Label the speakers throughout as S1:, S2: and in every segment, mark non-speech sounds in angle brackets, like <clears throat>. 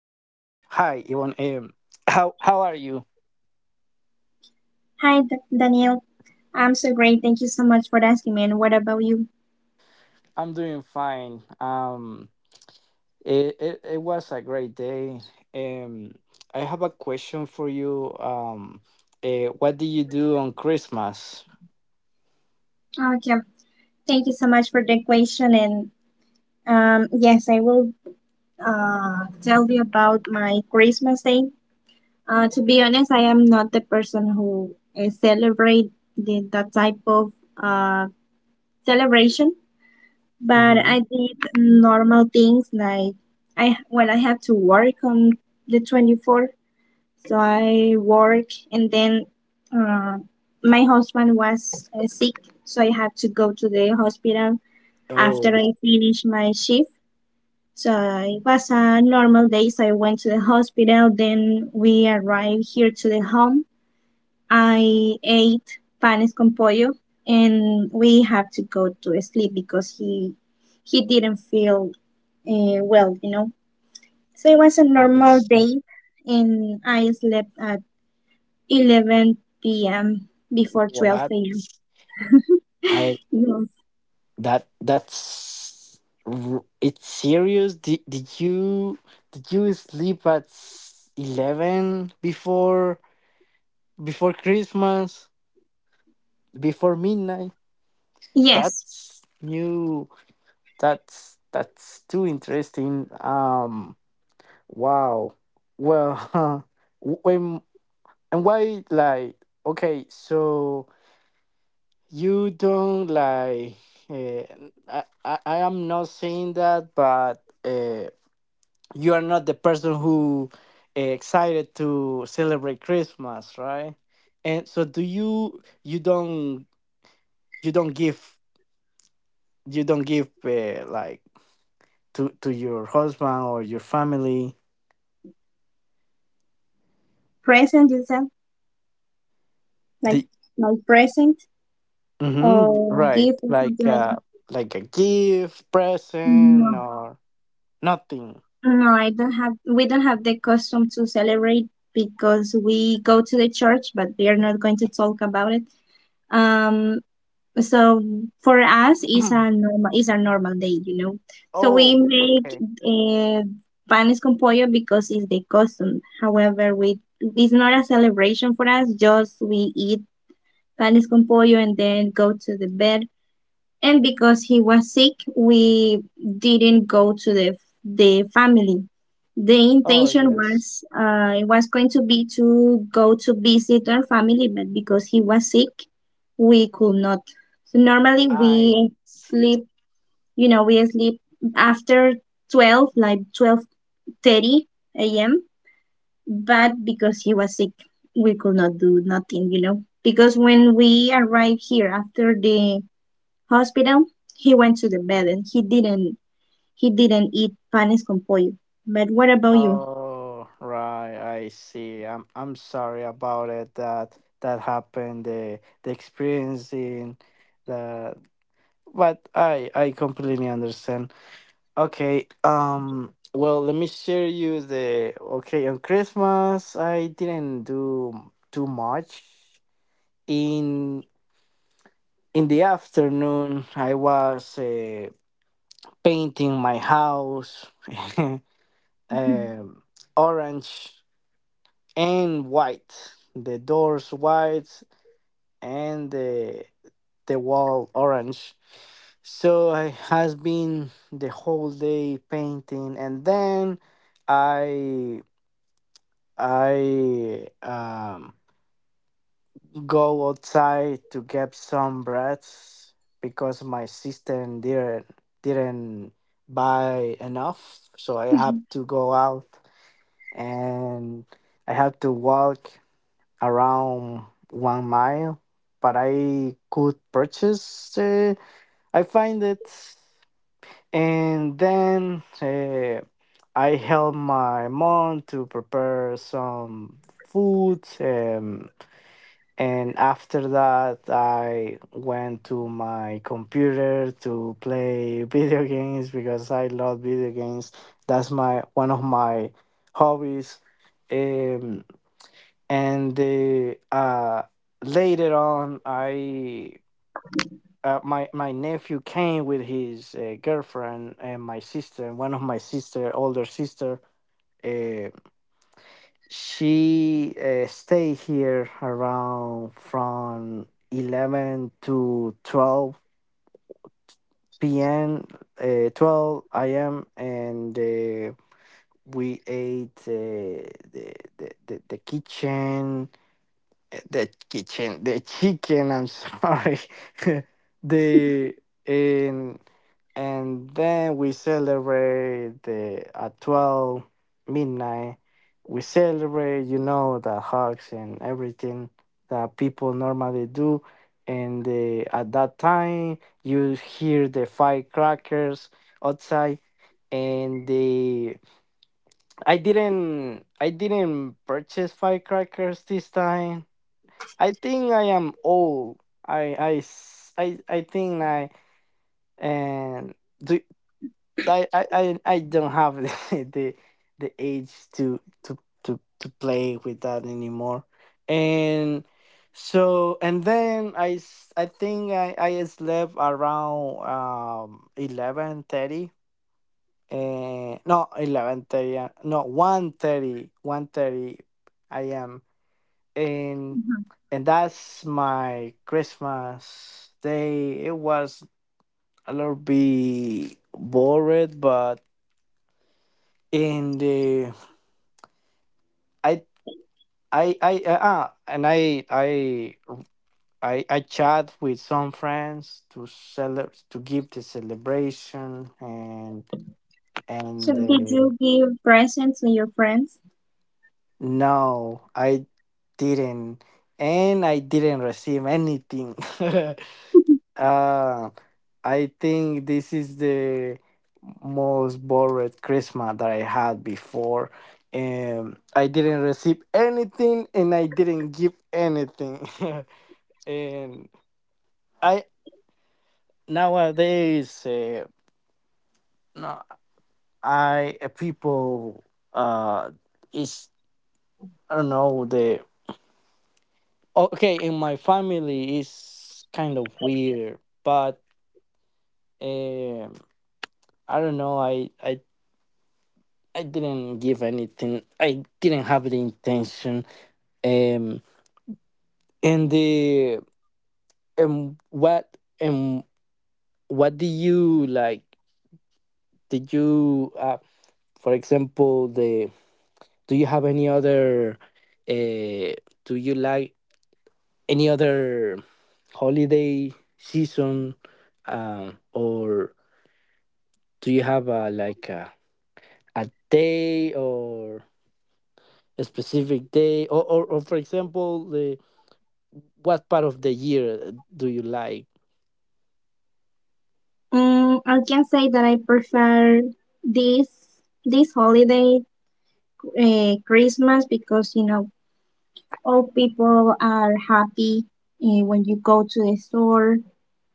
S1: Hi, Yvonne. How are you?
S2: Hi, Daniel. I'm so great. Thank you so much for asking me. And what about you?
S1: I'm doing fine. It was a great day. Um, I have a question for you. What do you do on Christmas?
S2: Okay. Thank you so much for the question. And yes, I will tell you about my Christmas day. To be honest, I am not the person who celebrate that type of uh, celebration, but
S1: Mm-hmm.
S2: I did normal things. Like I well, I have to work on the 24th. So I work, and then uh, my husband was sick, so I had to go to the hospital after
S1: Oh,
S2: I finished my shift. So it was a normal day, so I went to the hospital. Then we arrived here to the home. I ate panes con pollo, and we have to go to sleep because he didn't feel well. So it was a
S1: I
S2: normal
S1: see.
S2: day, and I slept a 11 p.m. before
S1: What?
S2: 12 a.m.
S1: I
S2: <laughs> Yes.
S1: that that's r- It's serious. Did you sleep at 11 before Christmas, before midnight?
S2: Yes.
S1: That's new. That's too interesting. Wow. Well, <laughs> when and why, like, okay, so you don't like, uh, I am not saying that, but you are not the person who, excited to celebrate Christmas, right? And so do you don't you don't give you don't give, like, to your husband or your family
S2: Present? Is that like
S1: the
S2: my present
S1: hmm,
S2: or
S1: right,
S2: gift or
S1: like,
S2: something like that?
S1: like a gift present
S2: No.
S1: or nothing?
S2: No, I don't have we don't have the custom to celebrate because we go to the church, but they are not going to talk about it. Um So for us, is a
S1: <clears throat>
S2: normal is a normal day. So we
S1: Oh,
S2: make
S1: okay.
S2: uh, panes con pollo because it's the custom. However, we it's not a celebration for us. Just we eat panes con pollo and then go to the bed. And because he was sick, we didn't go to the family. The
S1: Oh,
S2: intention
S1: yes,
S2: was it was going to be to go to visit our family, but because he was sick, we could not. So normally we
S1: I see.
S2: sleep, we sleep after 12, like 12:30 a.m. But because he was sick, we could not do nothing. Because when we arrived here after the hospital, he went to the bed, and he didn't eat panes con pollo. But what about you?
S1: Oh, right, I see. I'm sorry about it, that that happened, the experiencing that, but I completely understand. Okay. Well, let me share you the. Okay, on Christmas I didn't do too much. In in the afternoon, I was, painting my house, <laughs>
S2: <laughs>
S1: um, orange and white. The doors white and the wall orange. So I has been the whole day painting, and then I I go outside to get some breads because my sister didn't buy enough, so I have to go out and I have to walk around 1 mile. But I could purchase. I find it, and then I help my mom to prepare some food. And after that, I went to my computer to play <laughs> video games because I love video games. That's my one of my hobbies. Um, and the, later on, I my nephew came with his, girlfriend and my sister, one of my sister, older sister. Uh, she, stay here around from 11 to 12 p.m. 12 a.m. and, we ate, the, the, the, the kitchen the chicken. I'm sorry, <laughs> the and and then we celebrate the at 12 midnight. We celebrate, you know, the hugs and everything that people normally do. And the, at that time, you hear the firecrackers outside, and the I didn't purchase firecrackers this time. I think I am old. I think I and do I don't have <laughs> the age to play with that anymore. And so and then I think I slept around 11:30 and no 11:30, no 1:30, 1:30 I am, and and that's my Christmas day. It was a little bit bored, but in the I I ah, and I chat with some friends to celebrate, to give the celebration, and
S2: So
S1: and
S2: did
S1: uh,
S2: you give presents to your friends?
S1: no, I didn't, and I didn't receive anything. <laughs> Uh, I think this is the most bored Christmas that I had before. I didn't receive anything and I didn't give anything. <laughs> And I nowadays, no, I, people, uh is I don't know the, okay, in my family is kind of weird, but um I don't know, I didn't give anything. I didn't have the intention. Um, and the and what do you like? Did you, for example, the do you have any other? Uh, do you like any other holiday season? Or do you have a like a day or a specific day? Or for example the, what part of the year do you like?
S2: Mm, I can say that I prefer this this holiday, Christmas, because you know all people are happy when you go to the store,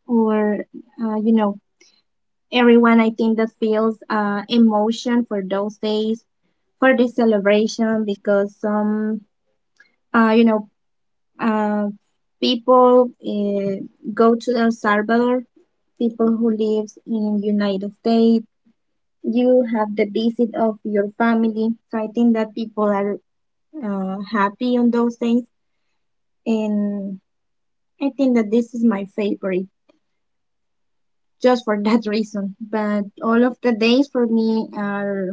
S2: or uh, you know everyone, I think, that feels emotion for those days, for the celebration. Because some uh, you know uh, people go to El Salvador, people who lives in United States. You have the visit of your family, so I think that people are happy on those days, and I think that this is my favorite, just for that <laughs> reason. But all of the days for me are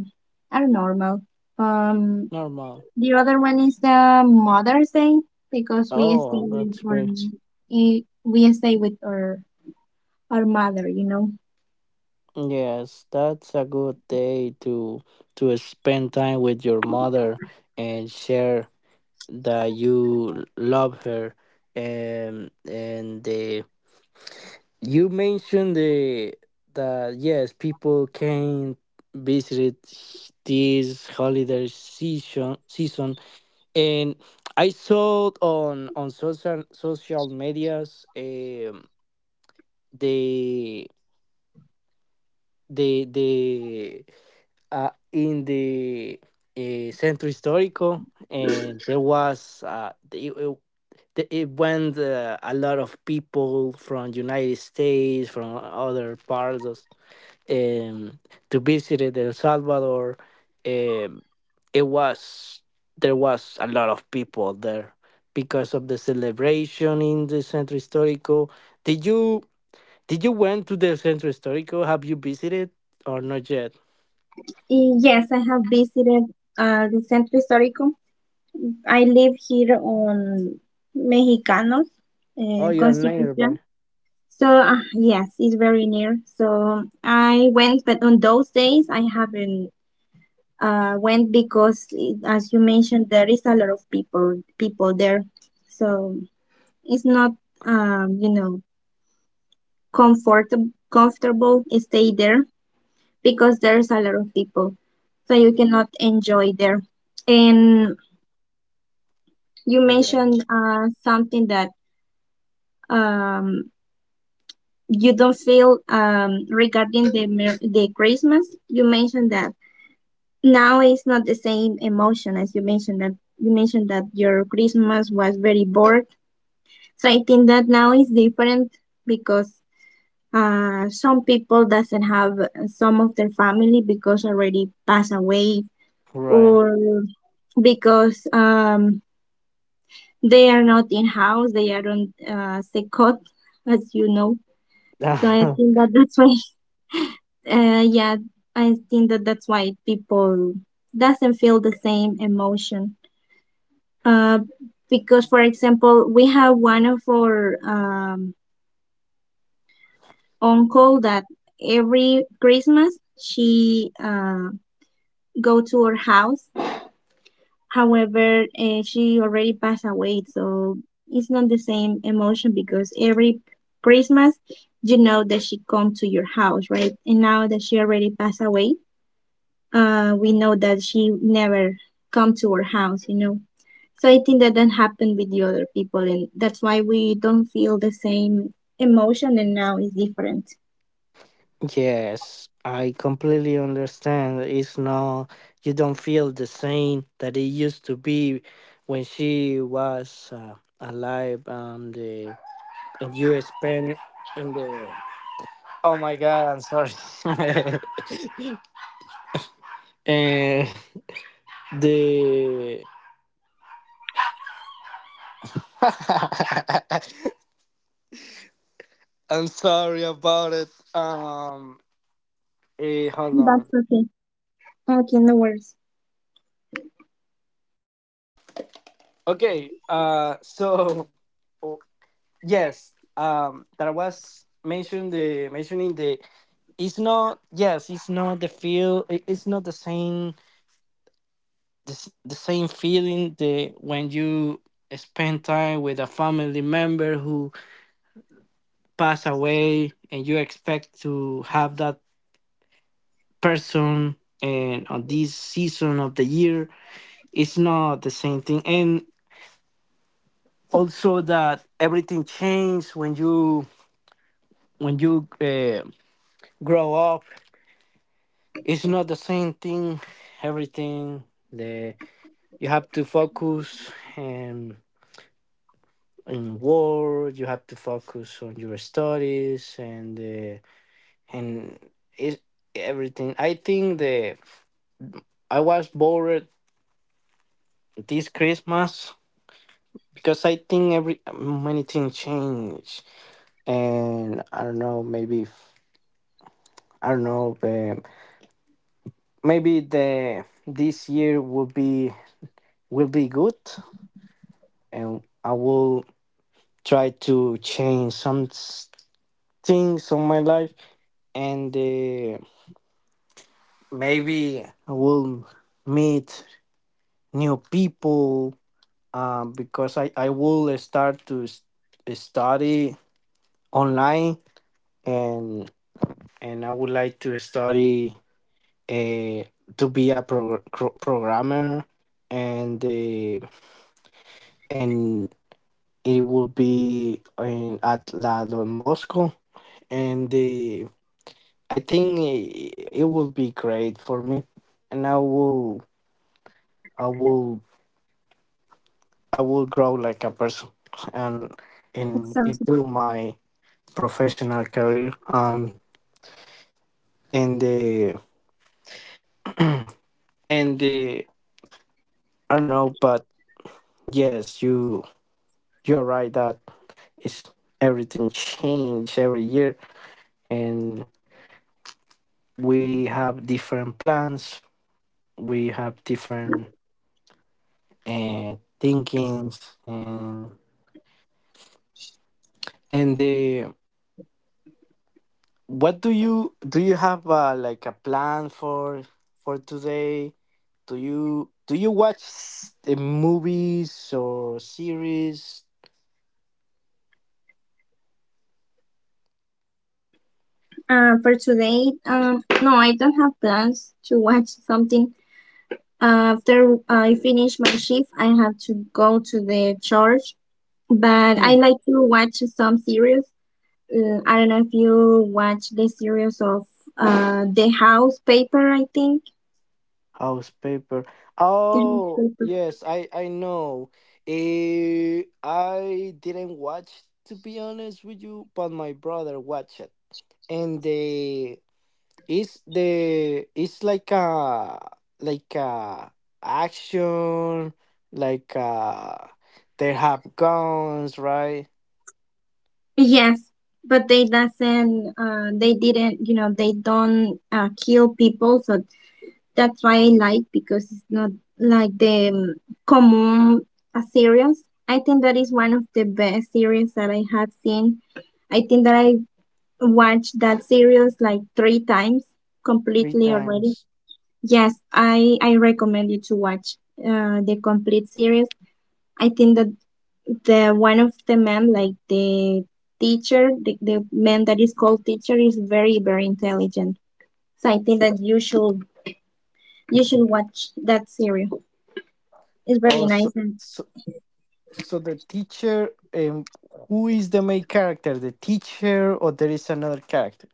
S2: are normal. Um,
S1: Normal.
S2: the other one is the Mother's Day, because we
S1: Oh,
S2: stay with
S1: that's
S2: our
S1: great.
S2: eh, we stay with our mother.
S1: Yes, that's a good day to spend time with your mother and share that you love her, and the you mentioned the that, yes, people can visit this holiday season, and I saw on social medias, the the in the, centro histórico, and there was, it, it, it went, a lot of people from United States, from other parts, um, to visit it, El Salvador. Um, it was there was a lot of people there because of the celebration in the Centro Histórico. Did you went to the Centro Histórico? Have you visited or not yet?
S2: Yes, I have visited the Centro Histórico. I live here on Mexicanos,
S1: Oh, you are
S2: Constitución.
S1: nearby.
S2: So yes, it's very near. So I went, but on those days I haven't went because, as you mentioned, there is a lot of people there, so it's not um, you know comfort comfortable stay there, because there's a lot of people, so you cannot enjoy there. And you mentioned
S1: Yes.
S2: something that um, you don't feel regarding the Christmas. You mentioned that now it's not the same emotion, as you mentioned that your Christmas was very bored. So I think that now is different because some people doesn't have some of their family, because already passed away,
S1: Right.
S2: or because they are not in house, they are on secot, as you know. So I
S1: <laughs>
S2: think that that's why, <laughs> yeah, I think that that's why people doesn't feel the same emotion. Uh, because, for example, we have one of our uncle that every Christmas she go to her house. However, she already passed away, so it's not the same emotion, because every Christmas you know that she come to your house, right? And now that she already passed away, we know that she never come to our house. So I think that that happened with the other people, and that's why we don't feel the same emotion, and now it's different.
S1: Yes, I completely understand. It's not, you don't feel the same that it used to be when she was, alive and, the, and you spent in the. Oh my god, I'm sorry. <laughs> and the. <laughs> I'm sorry about it. Um, eh, hold on.
S2: That's okay. Okay, no worries.
S1: Okay, so. Yes, that was mentioned the mentioning the, it's not, yes it's not the feel, it's not the same the, the same feeling the, when you spend time with a family member who pass away and you expect to have that person, and on this season of the year it's not the same thing. And also that everything changes when you when you, grow up, it's not the same thing, everything the, you have to focus, in work, you have to focus on your studies, and, and it's everything. I think the I was bored this Christmas because I think every many things change, and I don't know, maybe I don't know, maybe the this year will be, will be good, and I will try to change some things on my life, and, maybe I will meet new people, because I will start to study online, and and I would like to study, uh, to be a programmer, and, and it will be in at La Don Bosco, and, I think it will be great for me, and I will, I will grow like a person, and and
S2: Exactly.
S1: improve my professional career. And the and the, I don't know, but yes, you are right that it's everything change every year, and we have different plans. We have different, thinkings, and the what do you have, like a plan for today? Do you do you watch the movies or series,
S2: For today, no, I don't have plans to watch something. After I finish my shift, I have to go to the church. But I like to watch some series. I don't know if you watch the series of The House Paper. I think
S1: House Paper?
S2: The House
S1: Oh
S2: Paper.
S1: yes, I know. Eh, I didn't watch to be honest with you, but my brother watched it, and eh, it's the it's like a action, like, they have guns, right?
S2: Yes, but they doesn't. They didn't. You know, they don't kill people, so that's why I like, because it's not like the common series. I think that is one of the best series that I have seen. I think that I watched that series like three times
S1: Three
S2: completely already.
S1: times?
S2: Yes, I recommend you to watch the complete series. I think that the one of the men, like the teacher, the man that is called teacher, is very, very intelligent. So I think that you should watch that series. It's very
S1: Oh,
S2: nice,
S1: so
S2: and
S1: so, so the teacher, um, who is the main character, the teacher or there is another character,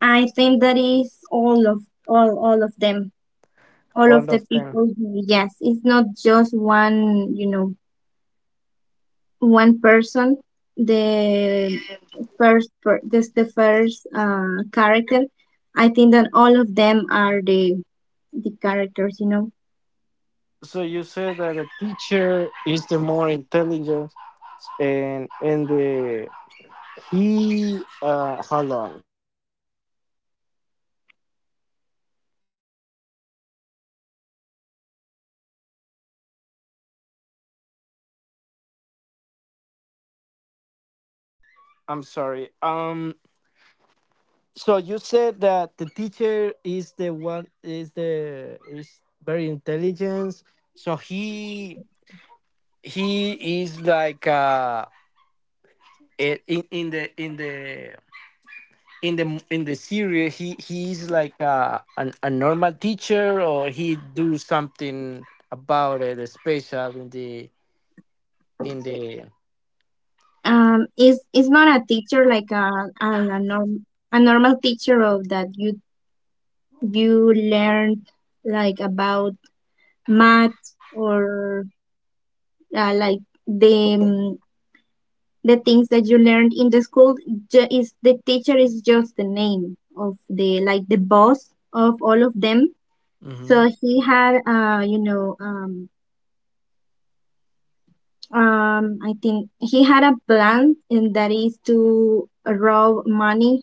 S2: I think that is all of them, all of
S1: all
S2: the
S1: of them?
S2: people. Yes, it's not just one, one person. The the first character. I think that all of them are the characters. You know,
S1: So you said that the teacher is the more intelligent, and the he, hold on, I'm sorry. Um, so you said that the teacher is the one is the is very intelligent. So he is like, in the in the in the in the series, he is like a an, a normal teacher, or he do something about it special in the in the.
S2: is it's not a teacher like a, a norm a normal teacher of that you learn like about math, or like the um, the things that you learned in the school. Is the teacher is just the name of the, like, the boss of all of them.
S1: Hmm.
S2: So he had I think, he had a plan, and that is to rob money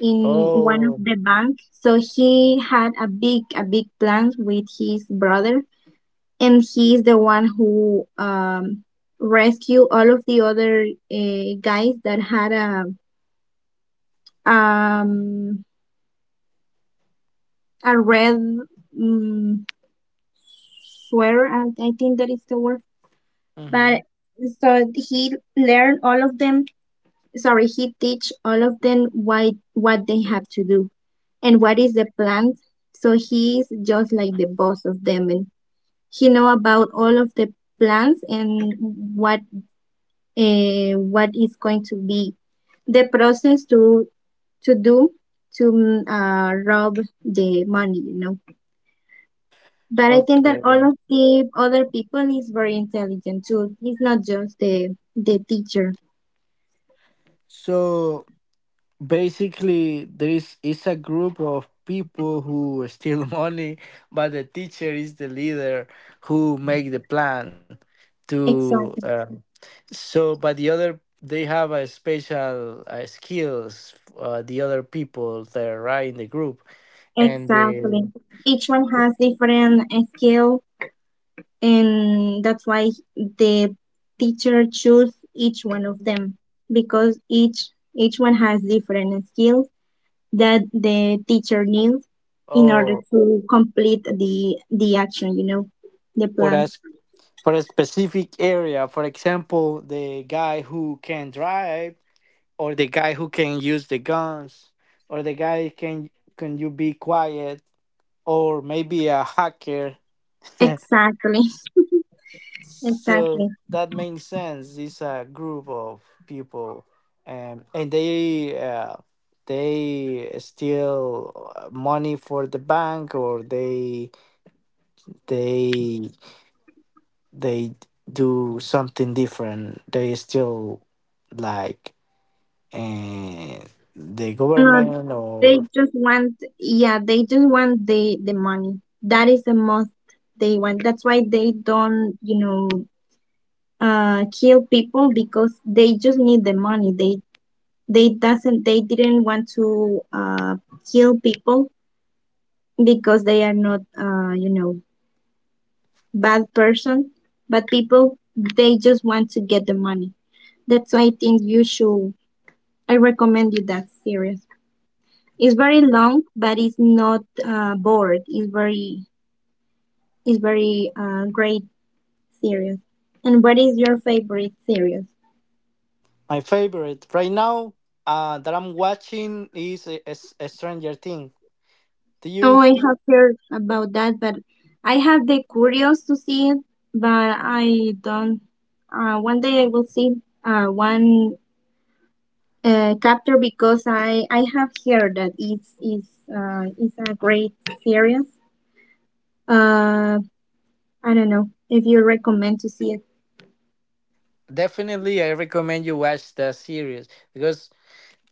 S2: in one of
S1: Oh.
S2: the bank. So he had a big plan with his brother, and he's the one who rescue all of the other guys that had um a red um, sweater. I think that is the word.
S1: Hmm.
S2: But so he learned all of them. Sorry, he teach all of them why, what they have to do and what is the plan. So he's just like the boss of them, and he know about all of the plans and what what is going to be the process to do to rob the money. But I think that all
S1: Okay.
S2: of the other people is very intelligent too. It's not just the teacher.
S1: So. Basically there is a group of people who steal <laughs> money, but the teacher is the leader who make the plan to,
S2: Exactly.
S1: so but the other they have a special, skills, the other people that are right in the group, and they
S2: Exactly. Each one has different skill, and that's why the teacher choose each one of them, because each one has different skills that the teacher needs in order
S1: oh
S2: to complete the action, the
S1: for
S2: plan,
S1: us for a specific area, for example the guy who can drive, or the guy who can use the guns, or the guy can you be quiet, or maybe a hacker. <laughs>
S2: exactly. <laughs>
S1: So
S2: Exactly.
S1: that makes sense. It's a group of people, and they, they steal, money for the bank, or they they they do something different. They steal like, uh, the
S2: uh,
S1: government
S2: they
S1: or.
S2: just want yeah they just want the money, that is the most they want. That's why they don't kill people, because they just need the money. They didn't want to kill people, because they are not bad person, but people, they just want to get the money. That's why I think you should. I recommend you that series. It's very long, but it's not bored. It's very great series. And what is your favorite series?
S1: My favorite right now, that I'm watching is a Stranger Thing. Do you
S2: Oh, I have heard about that, but I have the curious to see it, but I don't. One day I will see one chapter, because I have heard that it's a great series. Uh, I don't know if you recommend to see it.
S1: definitely? I recommend you watch that series because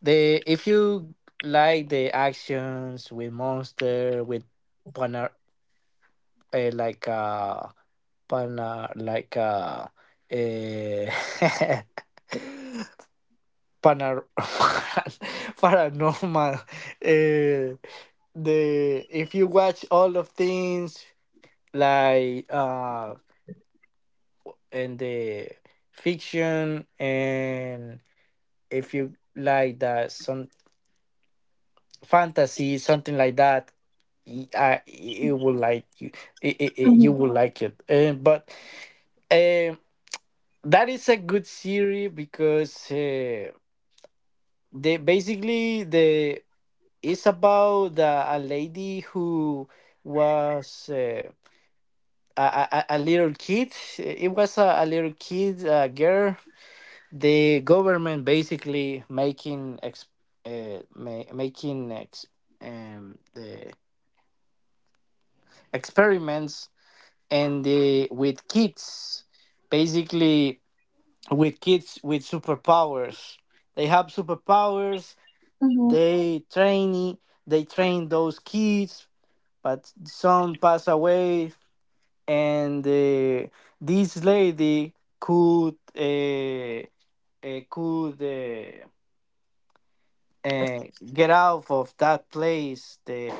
S1: the if you like the actions with monster with pana, like, pana, like, uh panar <laughs> <laughs> paranormal, the if you watch all of things like, and the fiction and if you like that some fantasy, something like that, I, it will like you,
S2: Mm-hmm.
S1: you will like it, but, um that is a good series because, they basically the it's about the a lady who was, a little kid, it was a little kid, a girl, the government basically making making the experiments, and the with kids, basically with kids with superpowers, they have superpowers,
S2: Mm-hmm.
S1: they train, they train those kids, but some pass away, and, this lady could, could, and get out of that place. The,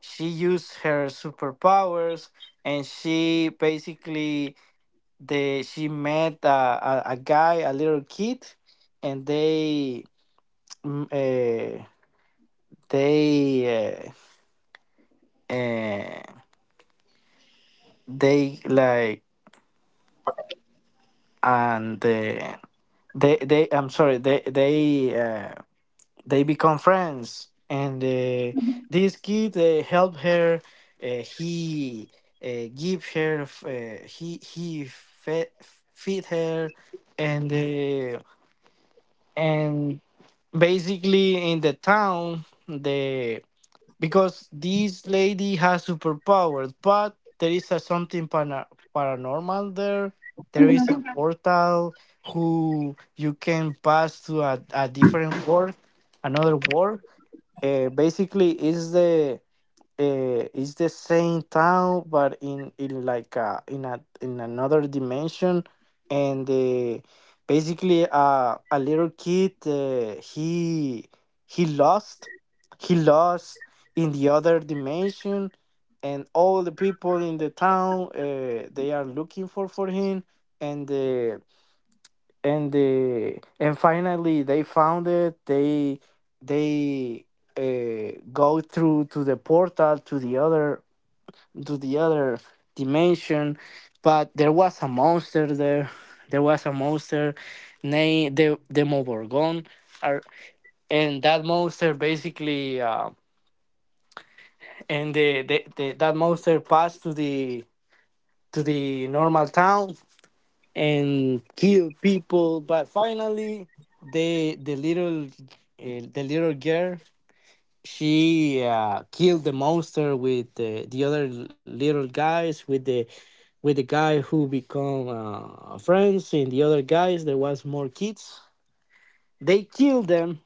S1: she used her superpowers, and she basically the she met a guy, a little kid, and they mm, eh, they, uh, they like, and, they I'm sorry they. They become friends, and this kid help her. uh, he give her he feed her. And and basically in the town the because this lady has superpowers, but there is a paranormal there. There is
S2: Mm-hmm.
S1: a portal who you can pass to a different world, another world. Basically, is the It's the same town, but in like in another dimension. And basically, a little kid, he lost he lost in the other dimension, and all the people in the town they are looking for him. And uh, and the and finally they found it. They go through to the portal to the other dimension, but there was a monster there. There was a monster named the Demogorgon. Ar- and that monster basically and the that monster passed to the normal town and kill people. But finally, the the little the little girl, she killed the monster with the other little guys, with the guy who become friends, and the other guys. There was more kids. They killed them.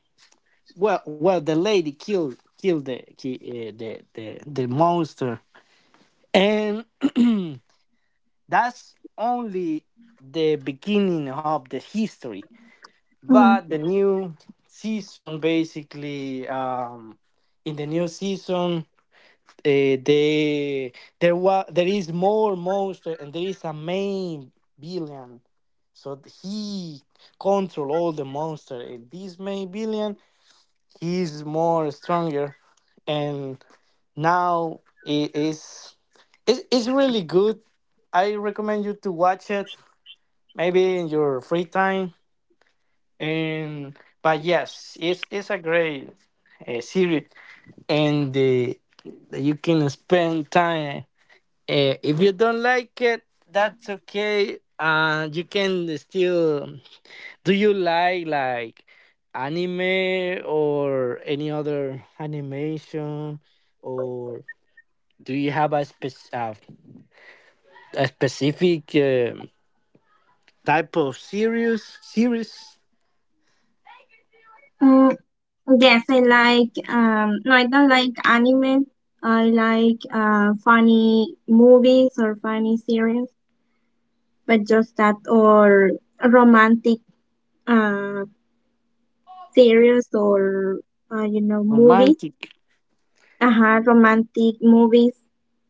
S1: Well, the lady killed killed the ki- the monster. And <clears throat> That's only the beginning of the history, but
S2: Mm-hmm.
S1: the new season, basically, in the new season, they there was there is more monster, and there is a main villain, so he control all the monster. And this main villain, he's more stronger, and now it's really good. I recommend you to watch it, maybe in your free time. And but yes, it's a great series, and the, you can spend time. If you don't like it, that's okay. You can still. Do you like anime or any other animation, or do you have a specific type of series,
S2: Mm, yes, I like, no, I don't like anime. I like funny movies or funny series, but just that, or romantic uh series, or movies,
S1: romantic?
S2: romantic movies,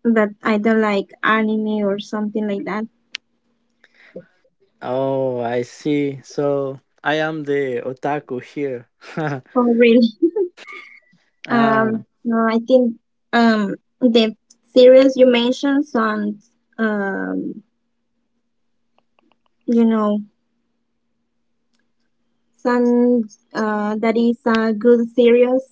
S2: but I don't like anime or something like that.
S1: Oh, I see. So I am the otaku here. <laughs>
S2: Oh, really? Um,
S1: Ah,
S2: no, I think, the series you mentioned sounds um you know sounds, that is a good series.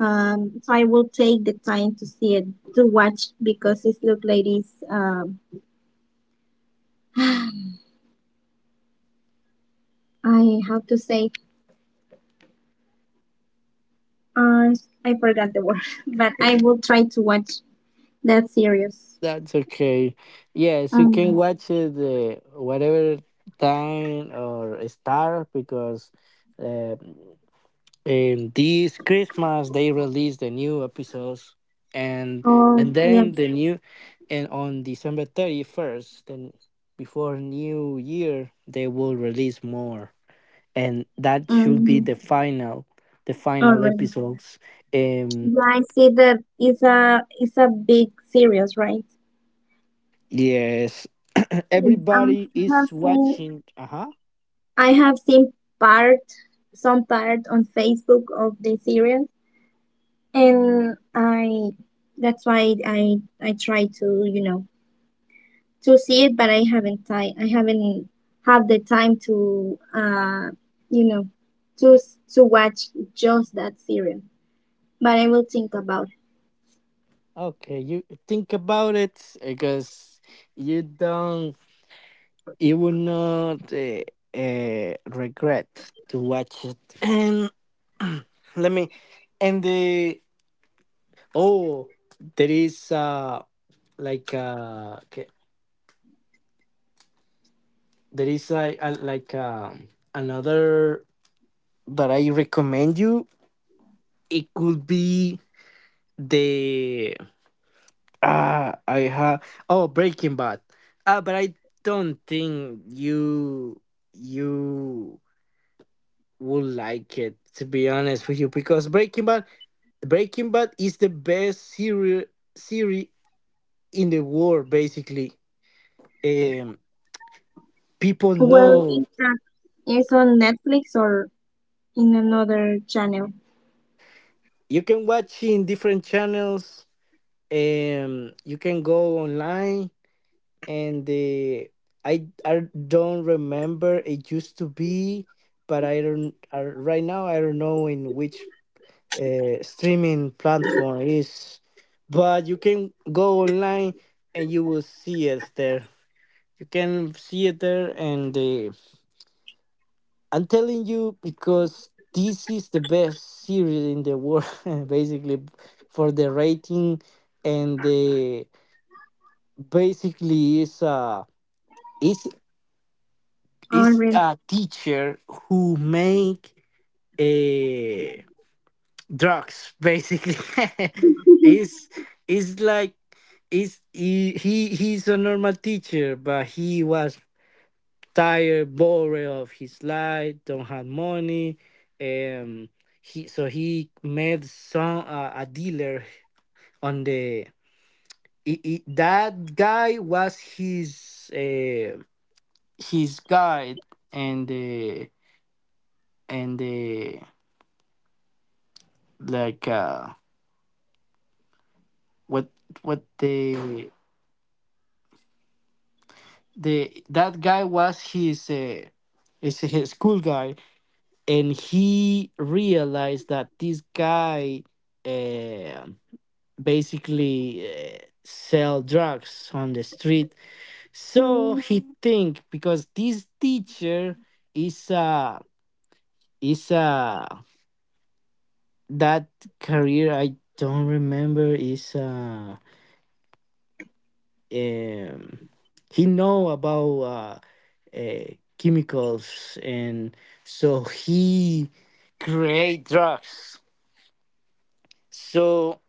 S2: So I will take the time to see it, to watch, because it look like it's I have to say, uh I forgot the word, <laughs> but I will try to watch that series.
S1: that's okay. Yes, you can
S2: Um.
S1: watch it the whatever time or star, because uh, in this Christmas they release the new episodes, and
S2: Oh,
S1: and then
S2: yes.
S1: the new and on December 31st, then before New Year they will release more, and that should be
S2: Mm-hmm.
S1: the final the
S2: All
S1: final
S2: right.
S1: episodes. um
S2: Yeah, I see that it's a big series, right?
S1: yes. <clears throat>
S2: Mm.
S1: Everybody is
S2: Have seen
S1: watching. Uh-huh.
S2: I have seen part some part on Facebook of the series, and I that's why I try to to see it, but I haven't have the time to you know to to watch just that series. But I will think about.
S1: Okay, you think about it, because you don't you will not regret to watch it. And <clears throat> let me and the oh There is like okay, there is like, like, another that I recommend you. It could be the ah I have oh Breaking Bad. Ah, but I don't think you would like it, to be honest with you, because Breaking Bad is the best series in the world, basically. Um, People
S2: Well,
S1: know,
S2: it's on Netflix or in another channel.
S1: you can watch in different channels. You can go online, and the I don't remember it used to be, but I don't I, right now I don't know in which streaming platform it is, but you can go online and you will see it there. You can see it there, and I'm telling you because this is the best series in the world, <laughs> basically, for the rating. And the Basically, it's
S2: Or
S1: is
S2: rent.
S1: a teacher who make uh, drugs, basically. <laughs>
S2: <laughs>
S1: is is like is he he's a normal teacher, but he was tired, bored of his life, don't have money. Um he so he met some a dealer on the I That guy was his guide, and the and the like, what what the that guy was his is his school guy, and he realized that this guy uh, basically sell drugs on the street, so
S2: Mm,
S1: he think, because this teacher is a is a that career, I don't remember, is um, he know about uh, chemicals, and so he create drugs. So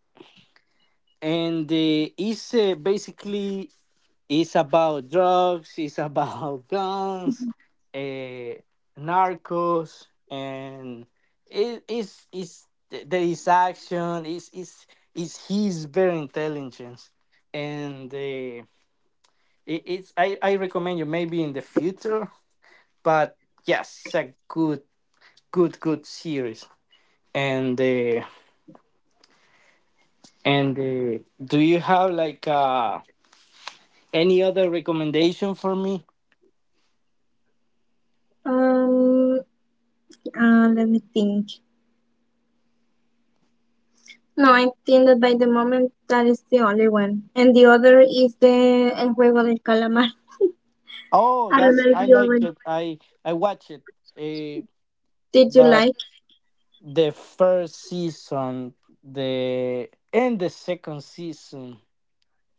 S1: and the it's Basically, it's about drugs, it's about <laughs> guns, uh, narcos, and it is there is action. Is He's very intelligent, and I recommend you, maybe in the future, but yes, it's a good series. And uh, and Do you have any other recommendation for me?
S2: Um, Let me think. No, I think that by the moment that is the only one, and the other is the El Juego del Calamar.
S1: Oh,
S2: I don't
S1: that's
S2: know if
S1: I
S2: you
S1: like
S2: already
S1: it. I watch it. Uh,
S2: did you
S1: but
S2: like?
S1: the first season, the and the second season,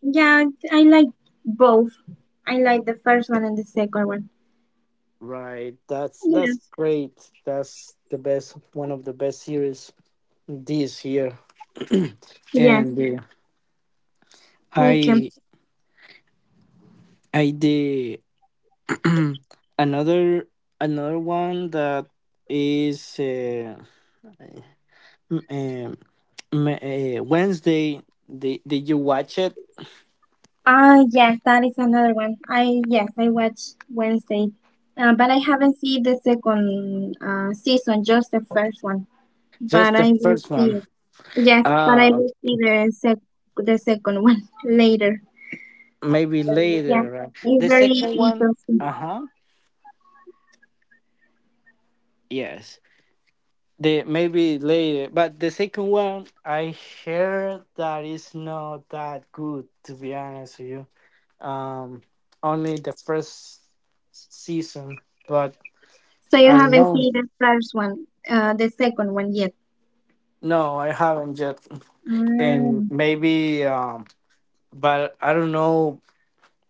S2: Yeah, I like both. I like the first one and the second one.
S1: right? That's
S2: Yes.
S1: great. That's the best one of the best series this year.
S2: Yes.
S1: And
S2: Okay.
S1: I I did <clears throat> another another one that is um, Wednesday. Did you watch it?
S2: Ah, yes, that is another one. I yes, I watched Wednesday, but I haven't seen the second season, just the first one.
S1: Just
S2: But
S1: the
S2: I will
S1: first
S2: see
S1: one.
S2: it. Yes, but I
S1: Uh
S2: will see the sec the second one <laughs> later.
S1: Maybe
S2: But, yeah,
S1: later, right?
S2: it's
S1: The
S2: very
S1: second one.
S2: interesting.
S1: Uh huh. Yes. The Maybe later, but the second one I heard that is not that good, to be honest with you. um Only the season, but
S2: So you
S1: I don't
S2: haven't
S1: know.
S2: seen the first one, the second one yet?
S1: No, I haven't yet, and
S2: Mm,
S1: maybe, but I don't know.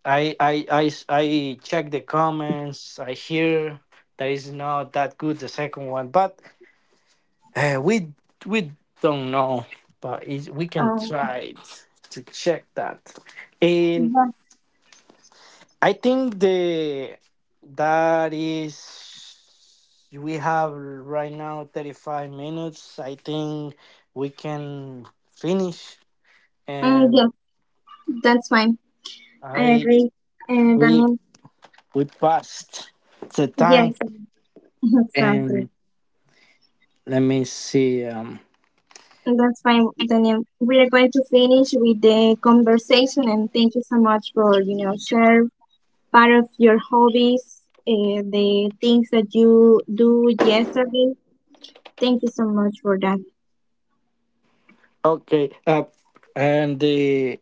S1: I check the comments, I hear that is not that good, the second one, but eh, we we don't know, we can
S2: oh,
S1: try to check that. And
S2: yes.
S1: I think the that is we have right now 35 minutes. I think we can finish,
S2: Mm,
S1: and
S2: yes, that's fine. I
S1: I
S2: agree. And I
S1: we
S2: mean,
S1: we passed the time.
S2: yes, <laughs> exactly.
S1: And let me see.
S2: That's fine, Daniel. We are going to finish with the conversation, and thank you so much for, share part of your hobbies, uh, the things that you do yesterday. Thank you so much for that.
S1: Okay. And the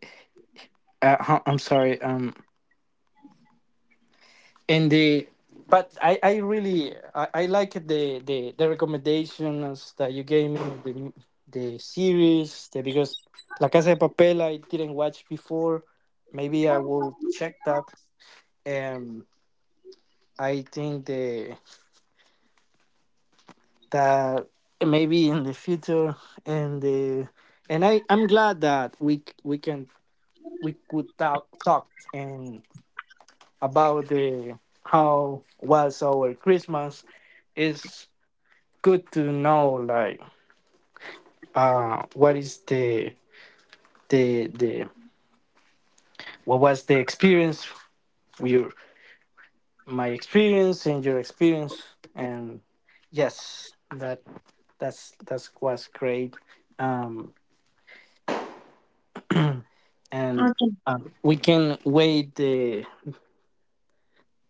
S1: I'm sorry. And the but I like the recommendations that you gave me, the series, because La Casa de Papel I didn't watch before, maybe I will check that. um I think the that maybe in the future. And the and I'm glad that we c- we can we could talk and about the how was our Christmas. Is good to know, like, what is the what was the experience your my experience and your experience. And yes, that that's was great. Um and
S2: Okay.
S1: We can wait the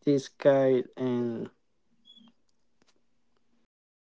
S1: this guy and but.